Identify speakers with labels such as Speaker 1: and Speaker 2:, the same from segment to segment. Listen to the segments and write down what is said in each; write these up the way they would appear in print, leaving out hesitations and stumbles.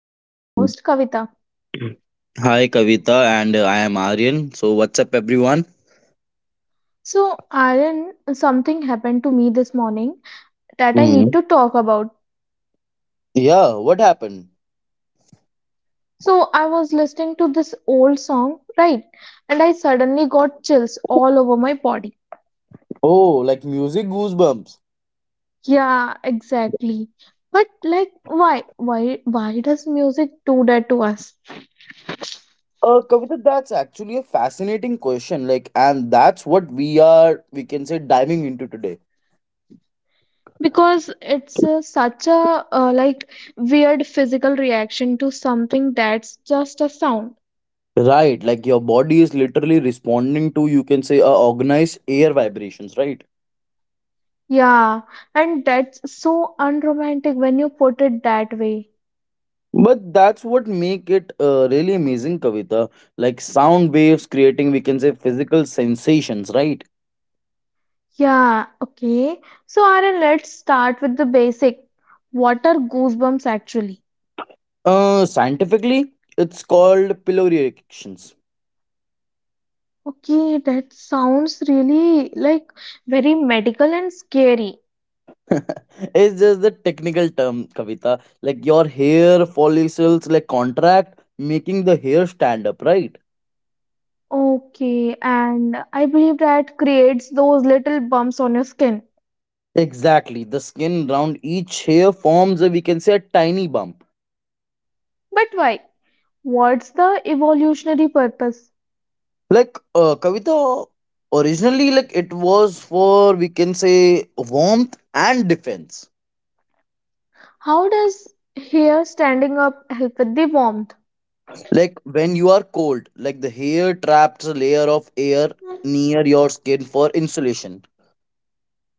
Speaker 1: I'm your
Speaker 2: Mm.
Speaker 1: host Kavita.
Speaker 2: Hi Kavita and I am Aryan. So what's up everyone?
Speaker 1: So, Aaron, something happened to me this morning that I need
Speaker 2: Hmm.
Speaker 1: to talk about.
Speaker 2: Yeah, what happened?
Speaker 1: So, I was listening to this old song, right? And I suddenly got chills all over my body.
Speaker 2: Oh, like music goosebumps.
Speaker 1: Yeah, exactly. But like why does music do that to us?
Speaker 2: Kavita, that's actually a fascinating question. Like, and that's what we are, we can say, diving into today.
Speaker 1: Because it's such a like weird physical reaction to something that's just a sound.
Speaker 2: Right, like your body is literally responding to, you can say, organized air vibrations, right?
Speaker 1: Yeah, and that's so unromantic when you put it that way.
Speaker 2: But that's what make it really amazing, Kavita. Like sound waves creating, we can say, physical sensations, right?
Speaker 1: Yeah, okay. So, Aaron, let's start with the basic. What are goosebumps actually?
Speaker 2: Scientifically, it's called pillory erections.
Speaker 1: Okay, that sounds really like very medical and scary.
Speaker 2: It's just the technical term, Kavita. Like your hair follicles like contract, making the hair stand up, right?
Speaker 1: Okay, and I believe that creates those little bumps on your skin.
Speaker 2: Exactly. The skin around each hair forms, we can say, a tiny bump.
Speaker 1: But why? What's the evolutionary purpose?
Speaker 2: Kavita, originally, like it was for we can say warmth and defense.
Speaker 1: How does hair standing up help with the warmth?
Speaker 2: Like when you are cold, like the hair traps a layer of air near your skin for insulation.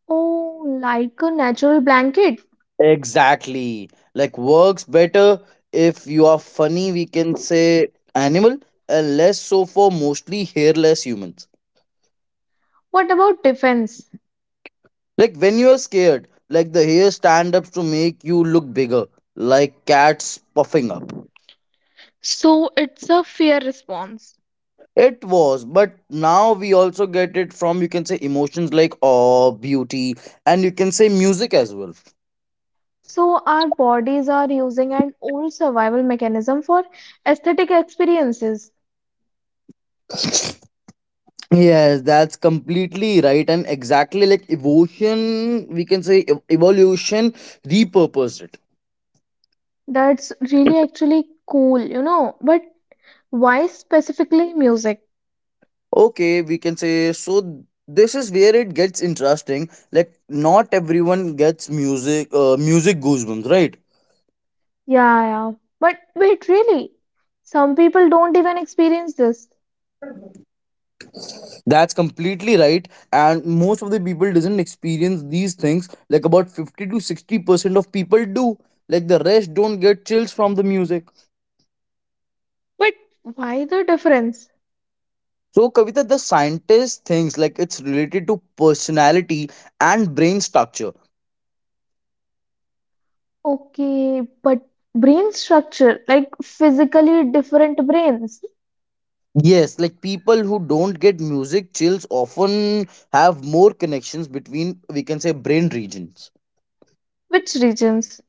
Speaker 1: Oh, like a natural blanket.
Speaker 2: Exactly. Like works better if you are funny, we can say, animal, and less so for mostly hairless humans.
Speaker 1: What about defense?
Speaker 2: Like when you are scared, like the hair stand up to make you look bigger, like cats puffing up.
Speaker 1: So it's a fear response.
Speaker 2: It was, but now we also get it from you can say emotions like awe, beauty, and you can say music as well.
Speaker 1: So, our bodies are using an old survival mechanism for aesthetic experiences.
Speaker 2: Yes, that's completely right, and exactly like evolution, we can say evolution repurposed it.
Speaker 1: That's really actually cool, you know. But why specifically music?
Speaker 2: Okay, we can say so. This is where it gets interesting. Like, not everyone gets music, music goosebumps, right?
Speaker 1: Yeah, yeah. But wait, really? Some people don't even experience this.
Speaker 2: That's completely right, and most of the people doesn't experience these things. Like about 50 to 60% of people do. Like the rest don't get chills from the music.
Speaker 1: But why the difference?
Speaker 2: So, Kavita, the scientist thinks like it's related to personality and brain structure.
Speaker 1: Okay, but brain structure, like physically different brains.
Speaker 2: Yes, like people who don't get music chills often have more connections between, we can say, brain regions.
Speaker 1: Which regions?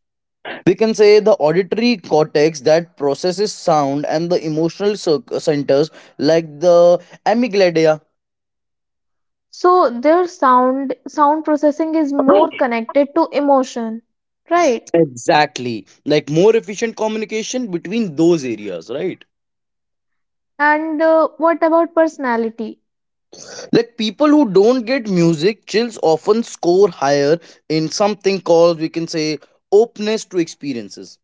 Speaker 2: We can say the auditory cortex that processes sound and the emotional centers like the amygdala.
Speaker 1: So their sound processing is more connected to emotion, right?
Speaker 2: Exactly. Like more efficient communication between those areas, right?
Speaker 1: And what about personality?
Speaker 2: Like people who don't get music chills often score higher in something called we can say openness to experiences.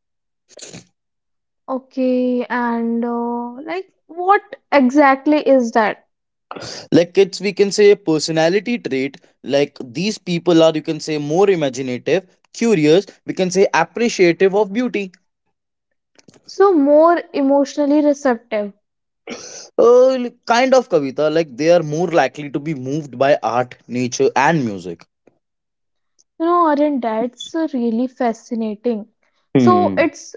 Speaker 1: Okay, and like what exactly is that?
Speaker 2: Like it's we can say a personality trait. Like these people are you can say more imaginative, curious, we can say appreciative of beauty.
Speaker 1: So more emotionally receptive.
Speaker 2: Like, kind of Kavita, like they are more likely to be moved by art, nature, and music.
Speaker 1: You know, Aryan, that's really fascinating. So
Speaker 2: Hmm.
Speaker 1: it's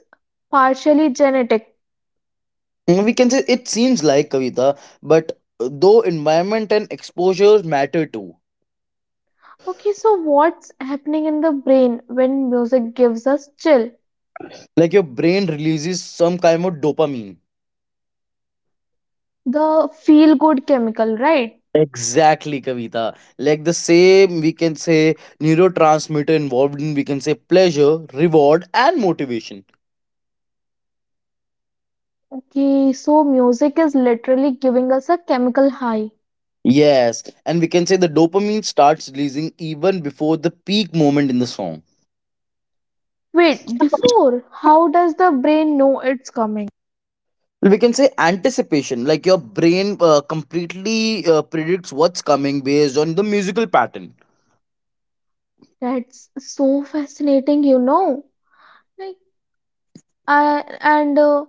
Speaker 1: partially genetic.
Speaker 2: Mm, we can say it seems like Kavita, but though environment and exposures matter too.
Speaker 1: Okay, so what's happening in the brain when music gives us chill?
Speaker 2: Like your brain releases some kind of dopamine.
Speaker 1: The feel good chemical, right?
Speaker 2: Exactly, Kavita. Like the same, we can say, neurotransmitter involved in, we can say, pleasure, reward, and motivation.
Speaker 1: Okay, so music is literally giving us a chemical high.
Speaker 2: Yes, and we can say the dopamine starts releasing even before the peak moment in the song.
Speaker 1: Wait, before, how does the brain know it's coming?
Speaker 2: We can say anticipation, like your brain completely predicts what's coming based on the musical pattern.
Speaker 1: That's so fascinating, you know. Like, I, and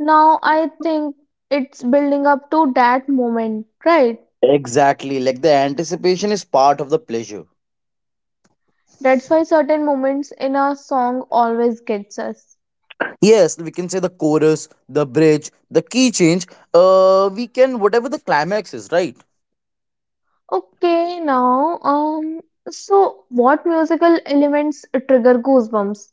Speaker 1: Now I think it's building up to that moment, right?
Speaker 2: Exactly, like the anticipation is part of the pleasure.
Speaker 1: That's why certain moments in a song always gets us.
Speaker 2: Yes, we can say the chorus, the bridge, the key change. We can whatever the climax is, right?
Speaker 1: Okay, now, so what musical elements trigger goosebumps?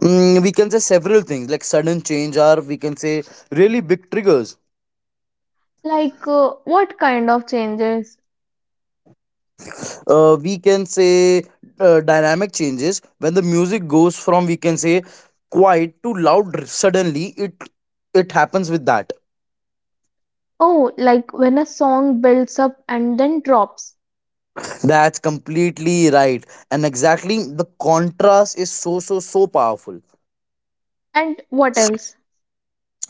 Speaker 2: Mm, we can say several things like sudden change, or we can say really big triggers.
Speaker 1: Like, what kind of changes?
Speaker 2: We can say dynamic changes when the music goes from we can say quiet to loud suddenly. It happens with that.
Speaker 1: Oh, like when a song builds up and then drops.
Speaker 2: That's completely right, and exactly the contrast is so powerful.
Speaker 1: And what else?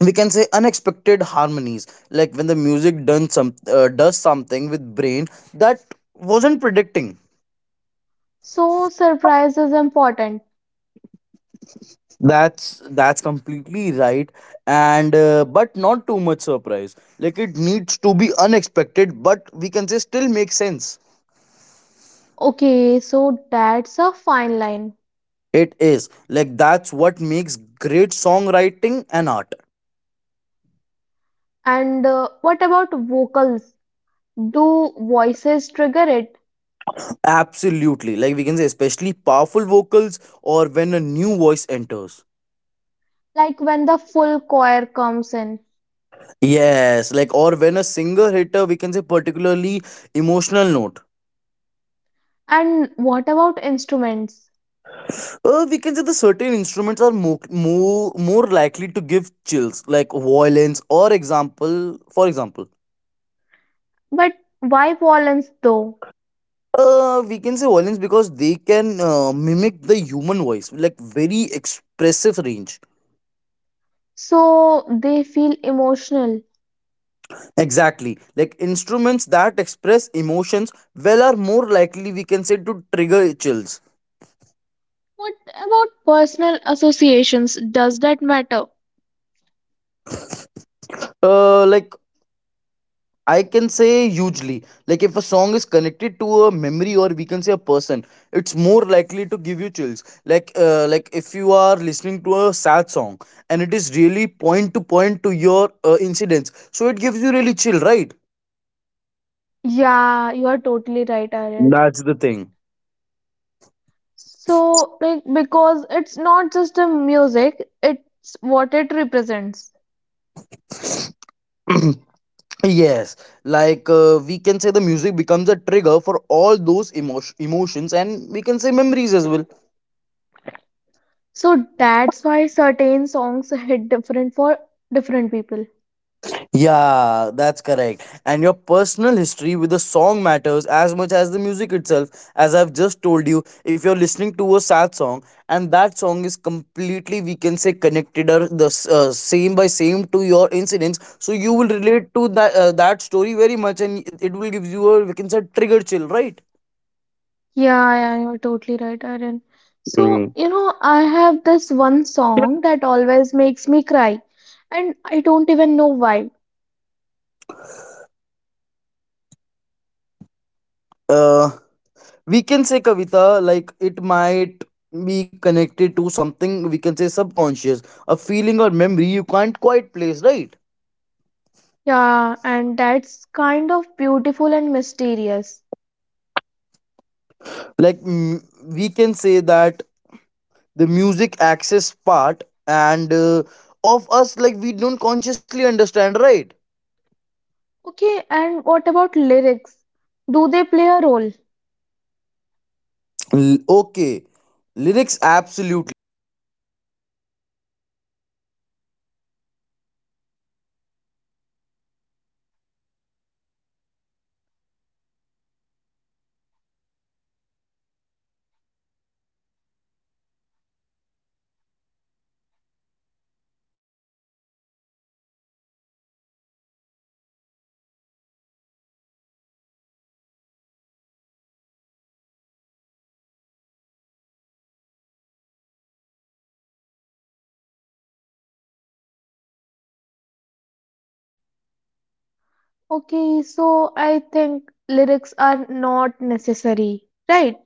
Speaker 2: We can say unexpected harmonies like when the music done some does something with brain that wasn't predicting.
Speaker 1: So, surprise is important.
Speaker 2: That's that's completely right, and but not too much surprise, like it needs to be unexpected but we can say still make sense.
Speaker 1: Okay, so that's a fine line.
Speaker 2: It is, like that's what makes great songwriting and art.
Speaker 1: And what about vocals? Do voices trigger it?
Speaker 2: Absolutely, like we can say especially powerful vocals or when a new voice enters.
Speaker 1: Like when the full choir comes in.
Speaker 2: Yes, like or when a singer hit a we can say particularly emotional note.
Speaker 1: And what about instruments?
Speaker 2: We can say the certain instruments are more likely to give chills, like violins or example. For example,
Speaker 1: But why violence though?
Speaker 2: we can say violins because they can mimic the human voice, like very expressive range.
Speaker 1: So they feel emotional.
Speaker 2: Exactly, like instruments that express emotions well are more likely we can say to trigger chills.
Speaker 1: What about personal associations? Does that matter?
Speaker 2: Like I can say hugely. Like if a song is connected to a memory or we can say a person, it's more likely to give you chills. Like if you are listening to a sad song and it is really point to your incidents, so it gives you really chill, right?
Speaker 1: Yeah, you are totally right, Aryan.
Speaker 2: That's the thing.
Speaker 1: So, like, because it's not just the music, it's what it represents.
Speaker 2: Yes, like we can say the music becomes a trigger for all those emotions and we can say memories as well.
Speaker 1: So that's why certain songs hit different for different people.
Speaker 2: Yeah, that's correct. And your personal history with the song matters as much as the music itself. As I've just told you, if you're listening to a sad song and that song is completely, we can say, connected or the same by same to your incidents, so you will relate to that that story very much, and it will give you a we can say trigger chill, right?
Speaker 1: Yeah, yeah, you're totally right, Aryan. So,
Speaker 2: Mm.
Speaker 1: you know, I have this one song that always makes me cry, and I don't even know why.
Speaker 2: Uh, we can say Kavita, like it might be connected to something we can say subconscious, a feeling or memory you can't quite place, right?
Speaker 1: Yeah, and that's kind of beautiful and mysterious.
Speaker 2: Like mm, we can say that the music access part and of us, like we don't consciously understand, right?
Speaker 1: Okay, and what about lyrics? Do they play a role?
Speaker 2: Okay, lyrics absolutely, like though instrumental music can give chills too.
Speaker 1: Okay, so I think lyrics are not necessary, right?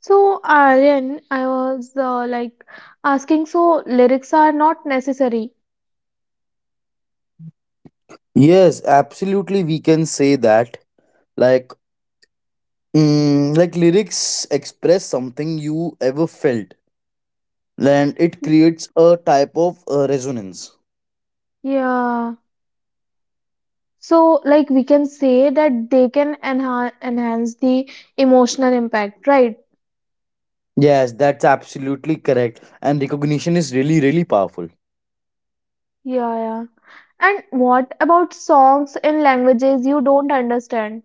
Speaker 1: So, Aryan, I was like asking, so lyrics are not necessary.
Speaker 2: Yes, absolutely. We can say that. Like, mm, like lyrics express something you ever felt, and it
Speaker 1: Y-
Speaker 2: creates a type of resonance.
Speaker 1: Yeah. So, like we can say that they can enhance the emotional impact, right?
Speaker 2: Yes, that's absolutely correct. And recognition is really, really powerful.
Speaker 1: Yeah, yeah. And what about songs in languages you don't understand?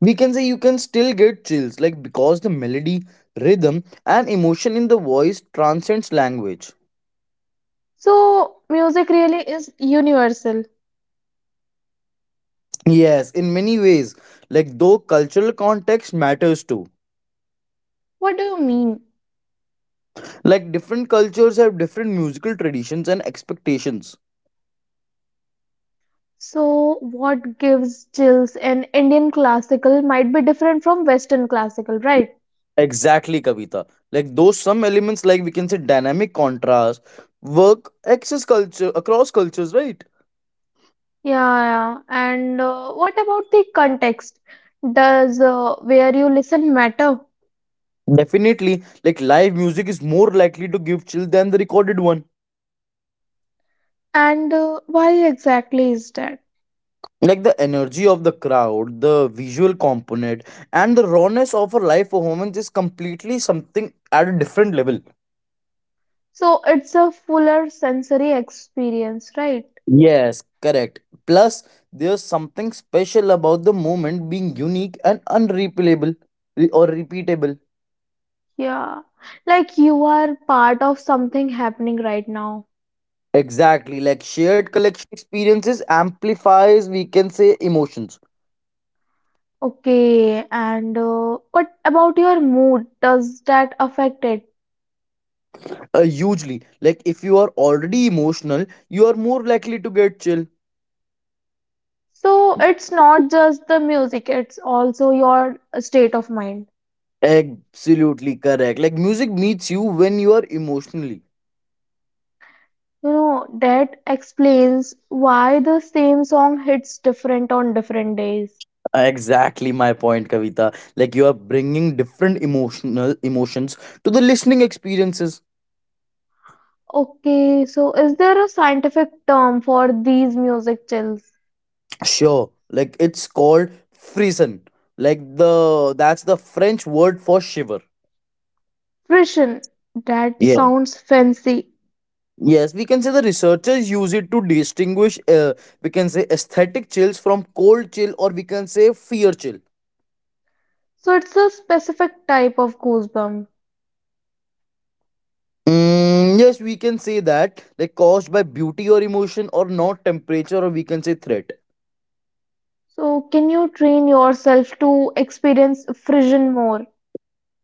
Speaker 2: We can say you can still get chills, like because the melody, rhythm, and emotion in the voice transcends language.
Speaker 1: So, music really is universal.
Speaker 2: Yes, in many ways, like though cultural context matters too.
Speaker 1: What do you mean?
Speaker 2: Like different cultures have different musical traditions and expectations.
Speaker 1: So, what gives chills in Indian classical might be different from Western classical, right?
Speaker 2: Exactly, Kavita. Like those some elements, like we can say dynamic contrast, work, access culture across cultures, right?
Speaker 1: Yeah, yeah. And what about the context? Does where you listen matter?
Speaker 2: Definitely, like live music is more likely to give chill than the recorded one.
Speaker 1: And why exactly is that?
Speaker 2: Like the energy of the crowd, the visual component, and the rawness of a live performance is completely something at a different level.
Speaker 1: So, it's a fuller sensory experience, right?
Speaker 2: Yes, correct. Plus, there's something special about the moment being unique and unreplayable or repeatable.
Speaker 1: Yeah. Like you are part of something happening right now.
Speaker 2: Exactly, like.
Speaker 1: Okay. And what about your mood? Does that affect it?
Speaker 2: Exactly. Like if you are already emotional, you are more likely to get chill.
Speaker 1: So it's not just the music, it's also your state of mind.
Speaker 2: Absolutely correct. Like music meets you when you are emotionally.
Speaker 1: You know, that explains why the same song hits different on different days.
Speaker 2: Exactly my point, Kavita. Like you are bringing different emotional emotions to the listening experiences.
Speaker 1: Okay, so is there a scientific term for these music chills?
Speaker 2: Sure. Like it's called frisson. Like the that's the French word for shiver.
Speaker 1: Frisson. That
Speaker 2: Yeah.
Speaker 1: sounds fancy.
Speaker 2: Yes, we can say the researchers use it to distinguish. We can say aesthetic chills from cold chill, or we can say fear chill.
Speaker 1: So it's a specific type of goosebump.
Speaker 2: Mm, yes, we can say that, like caused by beauty or emotion or not temperature or we can say threat.
Speaker 1: So can you train yourself to experience frisson more?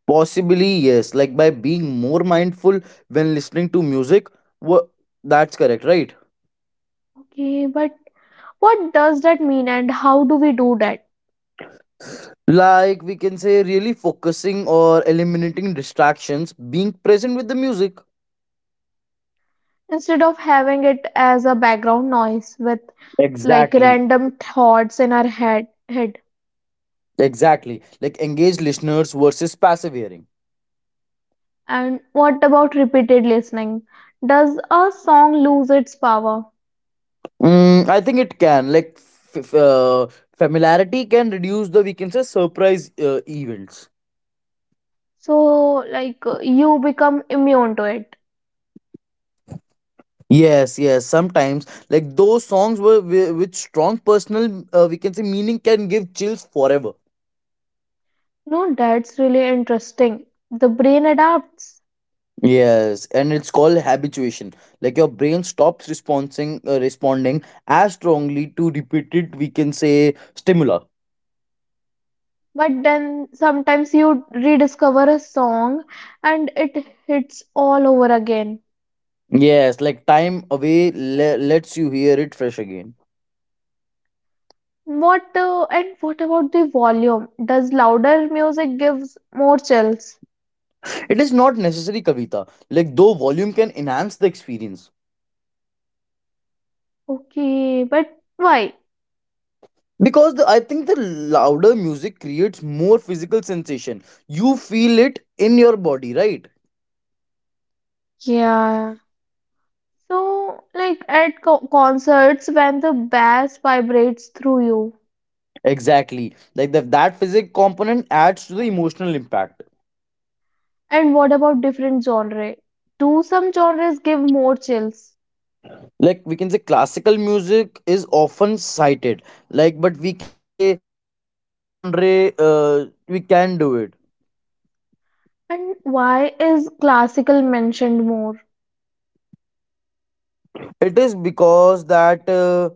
Speaker 2: Possibly, yes, like by being more mindful when listening to music. Wha that's correct, right?
Speaker 1: Okay, but what does that mean and how do we do that?
Speaker 2: Like we can say really focusing or eliminating distractions, being present with the music.
Speaker 1: Instead of having it as a background noise with like
Speaker 2: Exactly.
Speaker 1: random thoughts in our head.
Speaker 2: Exactly. Like engaged listeners versus passive hearing.
Speaker 1: And what about repeated listening? Does a song lose its power?
Speaker 2: Mm, I think it can. Like familiarity can reduce the we can say surprise events.
Speaker 1: So like you become immune to it.
Speaker 2: Yes, yes. Sometimes, like those songs were with strong personal, we can say meaning can give chills forever.
Speaker 1: No, that's really interesting. The brain adapts.
Speaker 2: Yes, and it's called habituation. Like your brain stops responding, responding as strongly to repeated, we can say, stimuli.
Speaker 1: But then sometimes you rediscover a song and it hits all over again.
Speaker 2: Yes, like time away lets you hear it fresh again.
Speaker 1: What and what about the volume? Does louder music gives more chills?
Speaker 2: It is not necessary, Kavita. Like though volume can enhance the experience.
Speaker 1: Okay, but why?
Speaker 2: Because the, I think the louder music creates more physical sensation, you feel it in your body, right?
Speaker 1: Yeah. So, like at co concerts when the bass vibrates through you.
Speaker 2: Exactly, like the, that physic component adds to the emotional impact.
Speaker 1: And what about different genre? Do some genres give more chills?
Speaker 2: Like we can say classical music is often cited, like but we can say any genre we can do it.
Speaker 1: And why is classical mentioned more?
Speaker 2: It is because that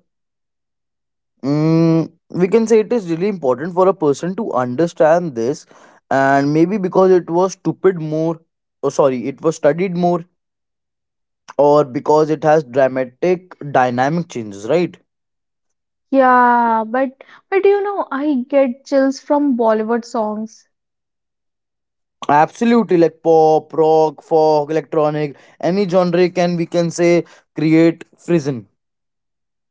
Speaker 2: mm, we can say it is really important for a person to understand this, and maybe because it was stupid more, oh, sorry, it was studied more, or because it has dramatic dynamic changes, right?
Speaker 1: Yeah, but you know, I get chills from Bollywood songs.
Speaker 2: Absolutely, like pop, rock, folk, electronic, any genre can we can say create frisson.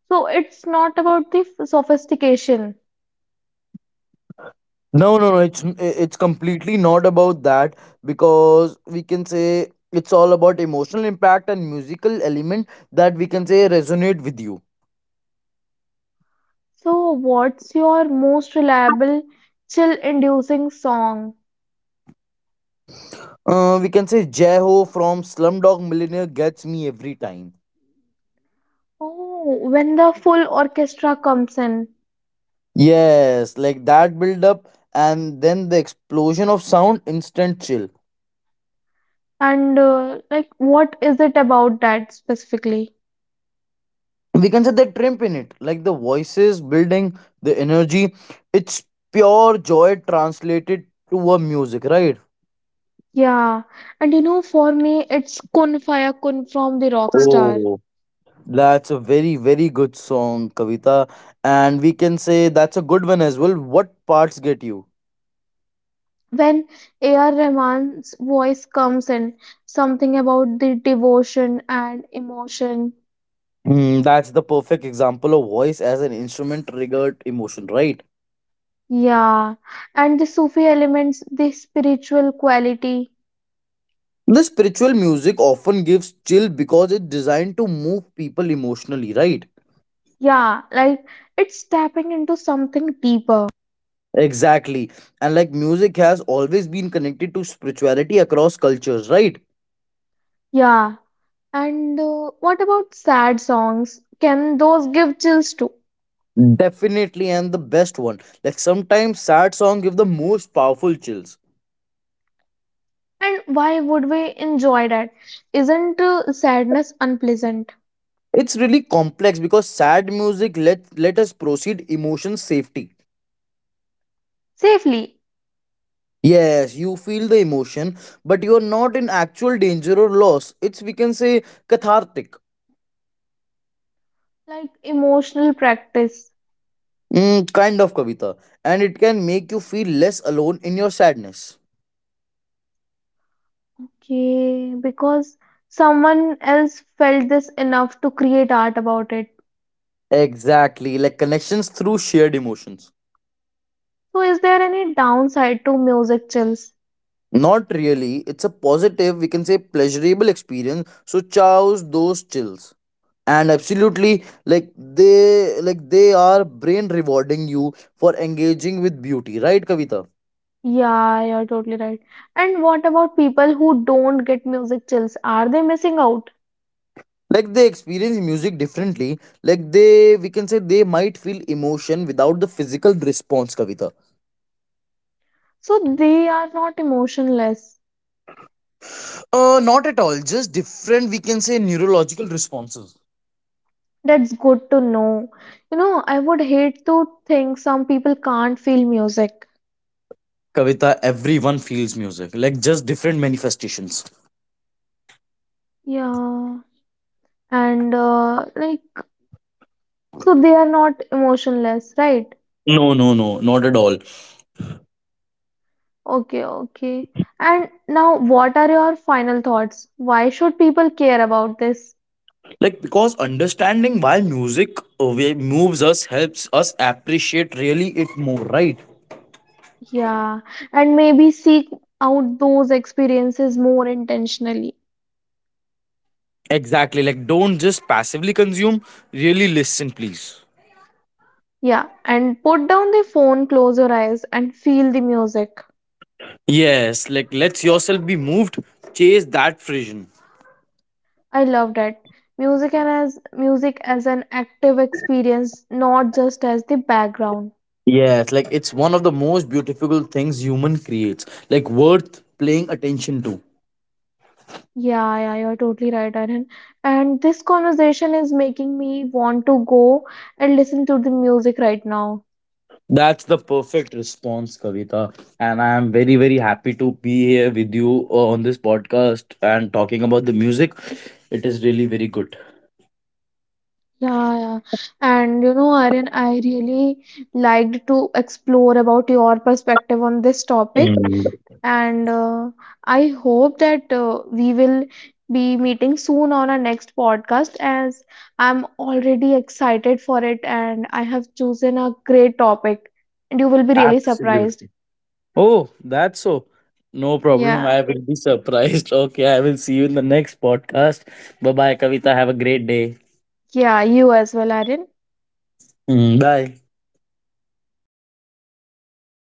Speaker 1: So it's not about the sophistication.
Speaker 2: No, no, no. It's completely not about that because we can say it's all about emotional impact and musical element that we can say resonate with you.
Speaker 1: So, what's your most reliable chill-inducing song?
Speaker 2: We can say Jai Ho from Slumdog Millionaire gets me every time.
Speaker 1: Oh, when the full orchestra comes in.
Speaker 2: Yes, like that build up and then the explosion of sound, instant chill.
Speaker 1: And like, what is it about that specifically?
Speaker 2: We can say the trimp in it, like the voices building, the energy. It's pure joy translated to a music, right?
Speaker 1: Yeah, and you know, for me, it's Kun Faya Kun from the Rockstar.
Speaker 2: Oh, that's a very, very good song, Kavita. And we can say that's a good one as well. What parts get you?
Speaker 1: When A.R. Rahman's voice comes in, something about the devotion and emotion.
Speaker 2: Hmm, that's the perfect example of voice as an instrument triggered emotion, right?
Speaker 1: Yeah, and the Sufi elements, the spiritual quality.
Speaker 2: The spiritual music often gives chill because it's designed to move people emotionally, right?
Speaker 1: Yeah, like it's tapping into something deeper.
Speaker 2: Exactly. And like music has always been connected to spirituality across cultures, right?
Speaker 1: Yeah, and what about sad songs? Can those give chills too?
Speaker 2: Definitely, and the best one. Like sometimes sad song give the most powerful chills.
Speaker 1: And why would we enjoy that? Isn't sadness unpleasant?
Speaker 2: It's really complex because sad music let us proceed emotion safety.
Speaker 1: Safely,
Speaker 2: Yes, you feel the emotion, but you are not in actual danger or loss. It's we can say cathartic.
Speaker 1: like emotional practice.
Speaker 2: Mm, kind of Kavita. And it can make you feel less alone in your sadness.
Speaker 1: Okay, because someone else felt this enough to create art about it.
Speaker 2: Exactly, like connections through shared emotions.
Speaker 1: So, is there any downside to music chills?
Speaker 2: Not really, it's a positive, we can say pleasurable experience. So chows those chills. And absolutely, like they are brain rewarding you for engaging with beauty, right Kavita?
Speaker 1: Yeah, you're totally right. And what about people who don't get music chills? Are they missing out?
Speaker 2: Like they experience music differently. Like they we can say they might feel emotion without the physical response, Kavita.
Speaker 1: So they are not emotionless.
Speaker 2: Not at all. Just different, we can say, neurological responses.
Speaker 1: That's good to know. You know, I would hate to think some people can't feel music.
Speaker 2: Kavita, everyone feels music. Like, just different manifestations.
Speaker 1: Yeah, and like, so they are not emotionless, right?
Speaker 2: No, no, no, not at all.
Speaker 1: Okay, okay. And now, what are your final thoughts? Why should people care about this?
Speaker 2: Like, because understanding why music moves us helps us appreciate really it more, right?
Speaker 1: Yeah, and maybe seek out those experiences more intentionally.
Speaker 2: Exactly. Like, don't just passively consume, really listen, please.
Speaker 1: Yeah, and put down the phone, close your eyes, and feel the music.
Speaker 2: Yes, like, let yourself be moved, chase that vision.
Speaker 1: I love that. Music and as music as an active experience, not just as the background.
Speaker 2: Yes, like, it's one of the most beautiful things human creates, like, worth paying attention to.
Speaker 1: Yeah, yeah, you're totally right, Arun. And this conversation is making me want to go and listen to the music right now.
Speaker 2: That's the perfect response, Kavita. And I am very, very happy to be here with you on this podcast and talking about the music. It is really very good.
Speaker 1: Yeah, yeah. And you know, Aryan, I really liked to explore about your perspective on this topic.
Speaker 2: Mm,
Speaker 1: And I hope that we will be meeting soon on our next podcast, as I'm already excited for it and I have chosen a great topic. And you will be really surprised.
Speaker 2: absolutely. Oh, that's so. No problem.
Speaker 1: Yeah,
Speaker 2: I will be surprised. Okay, I will see you in the next podcast. Bye bye, Kavita. Have a great day.
Speaker 1: yeah, you as well, Aryan.
Speaker 2: Mm, bye.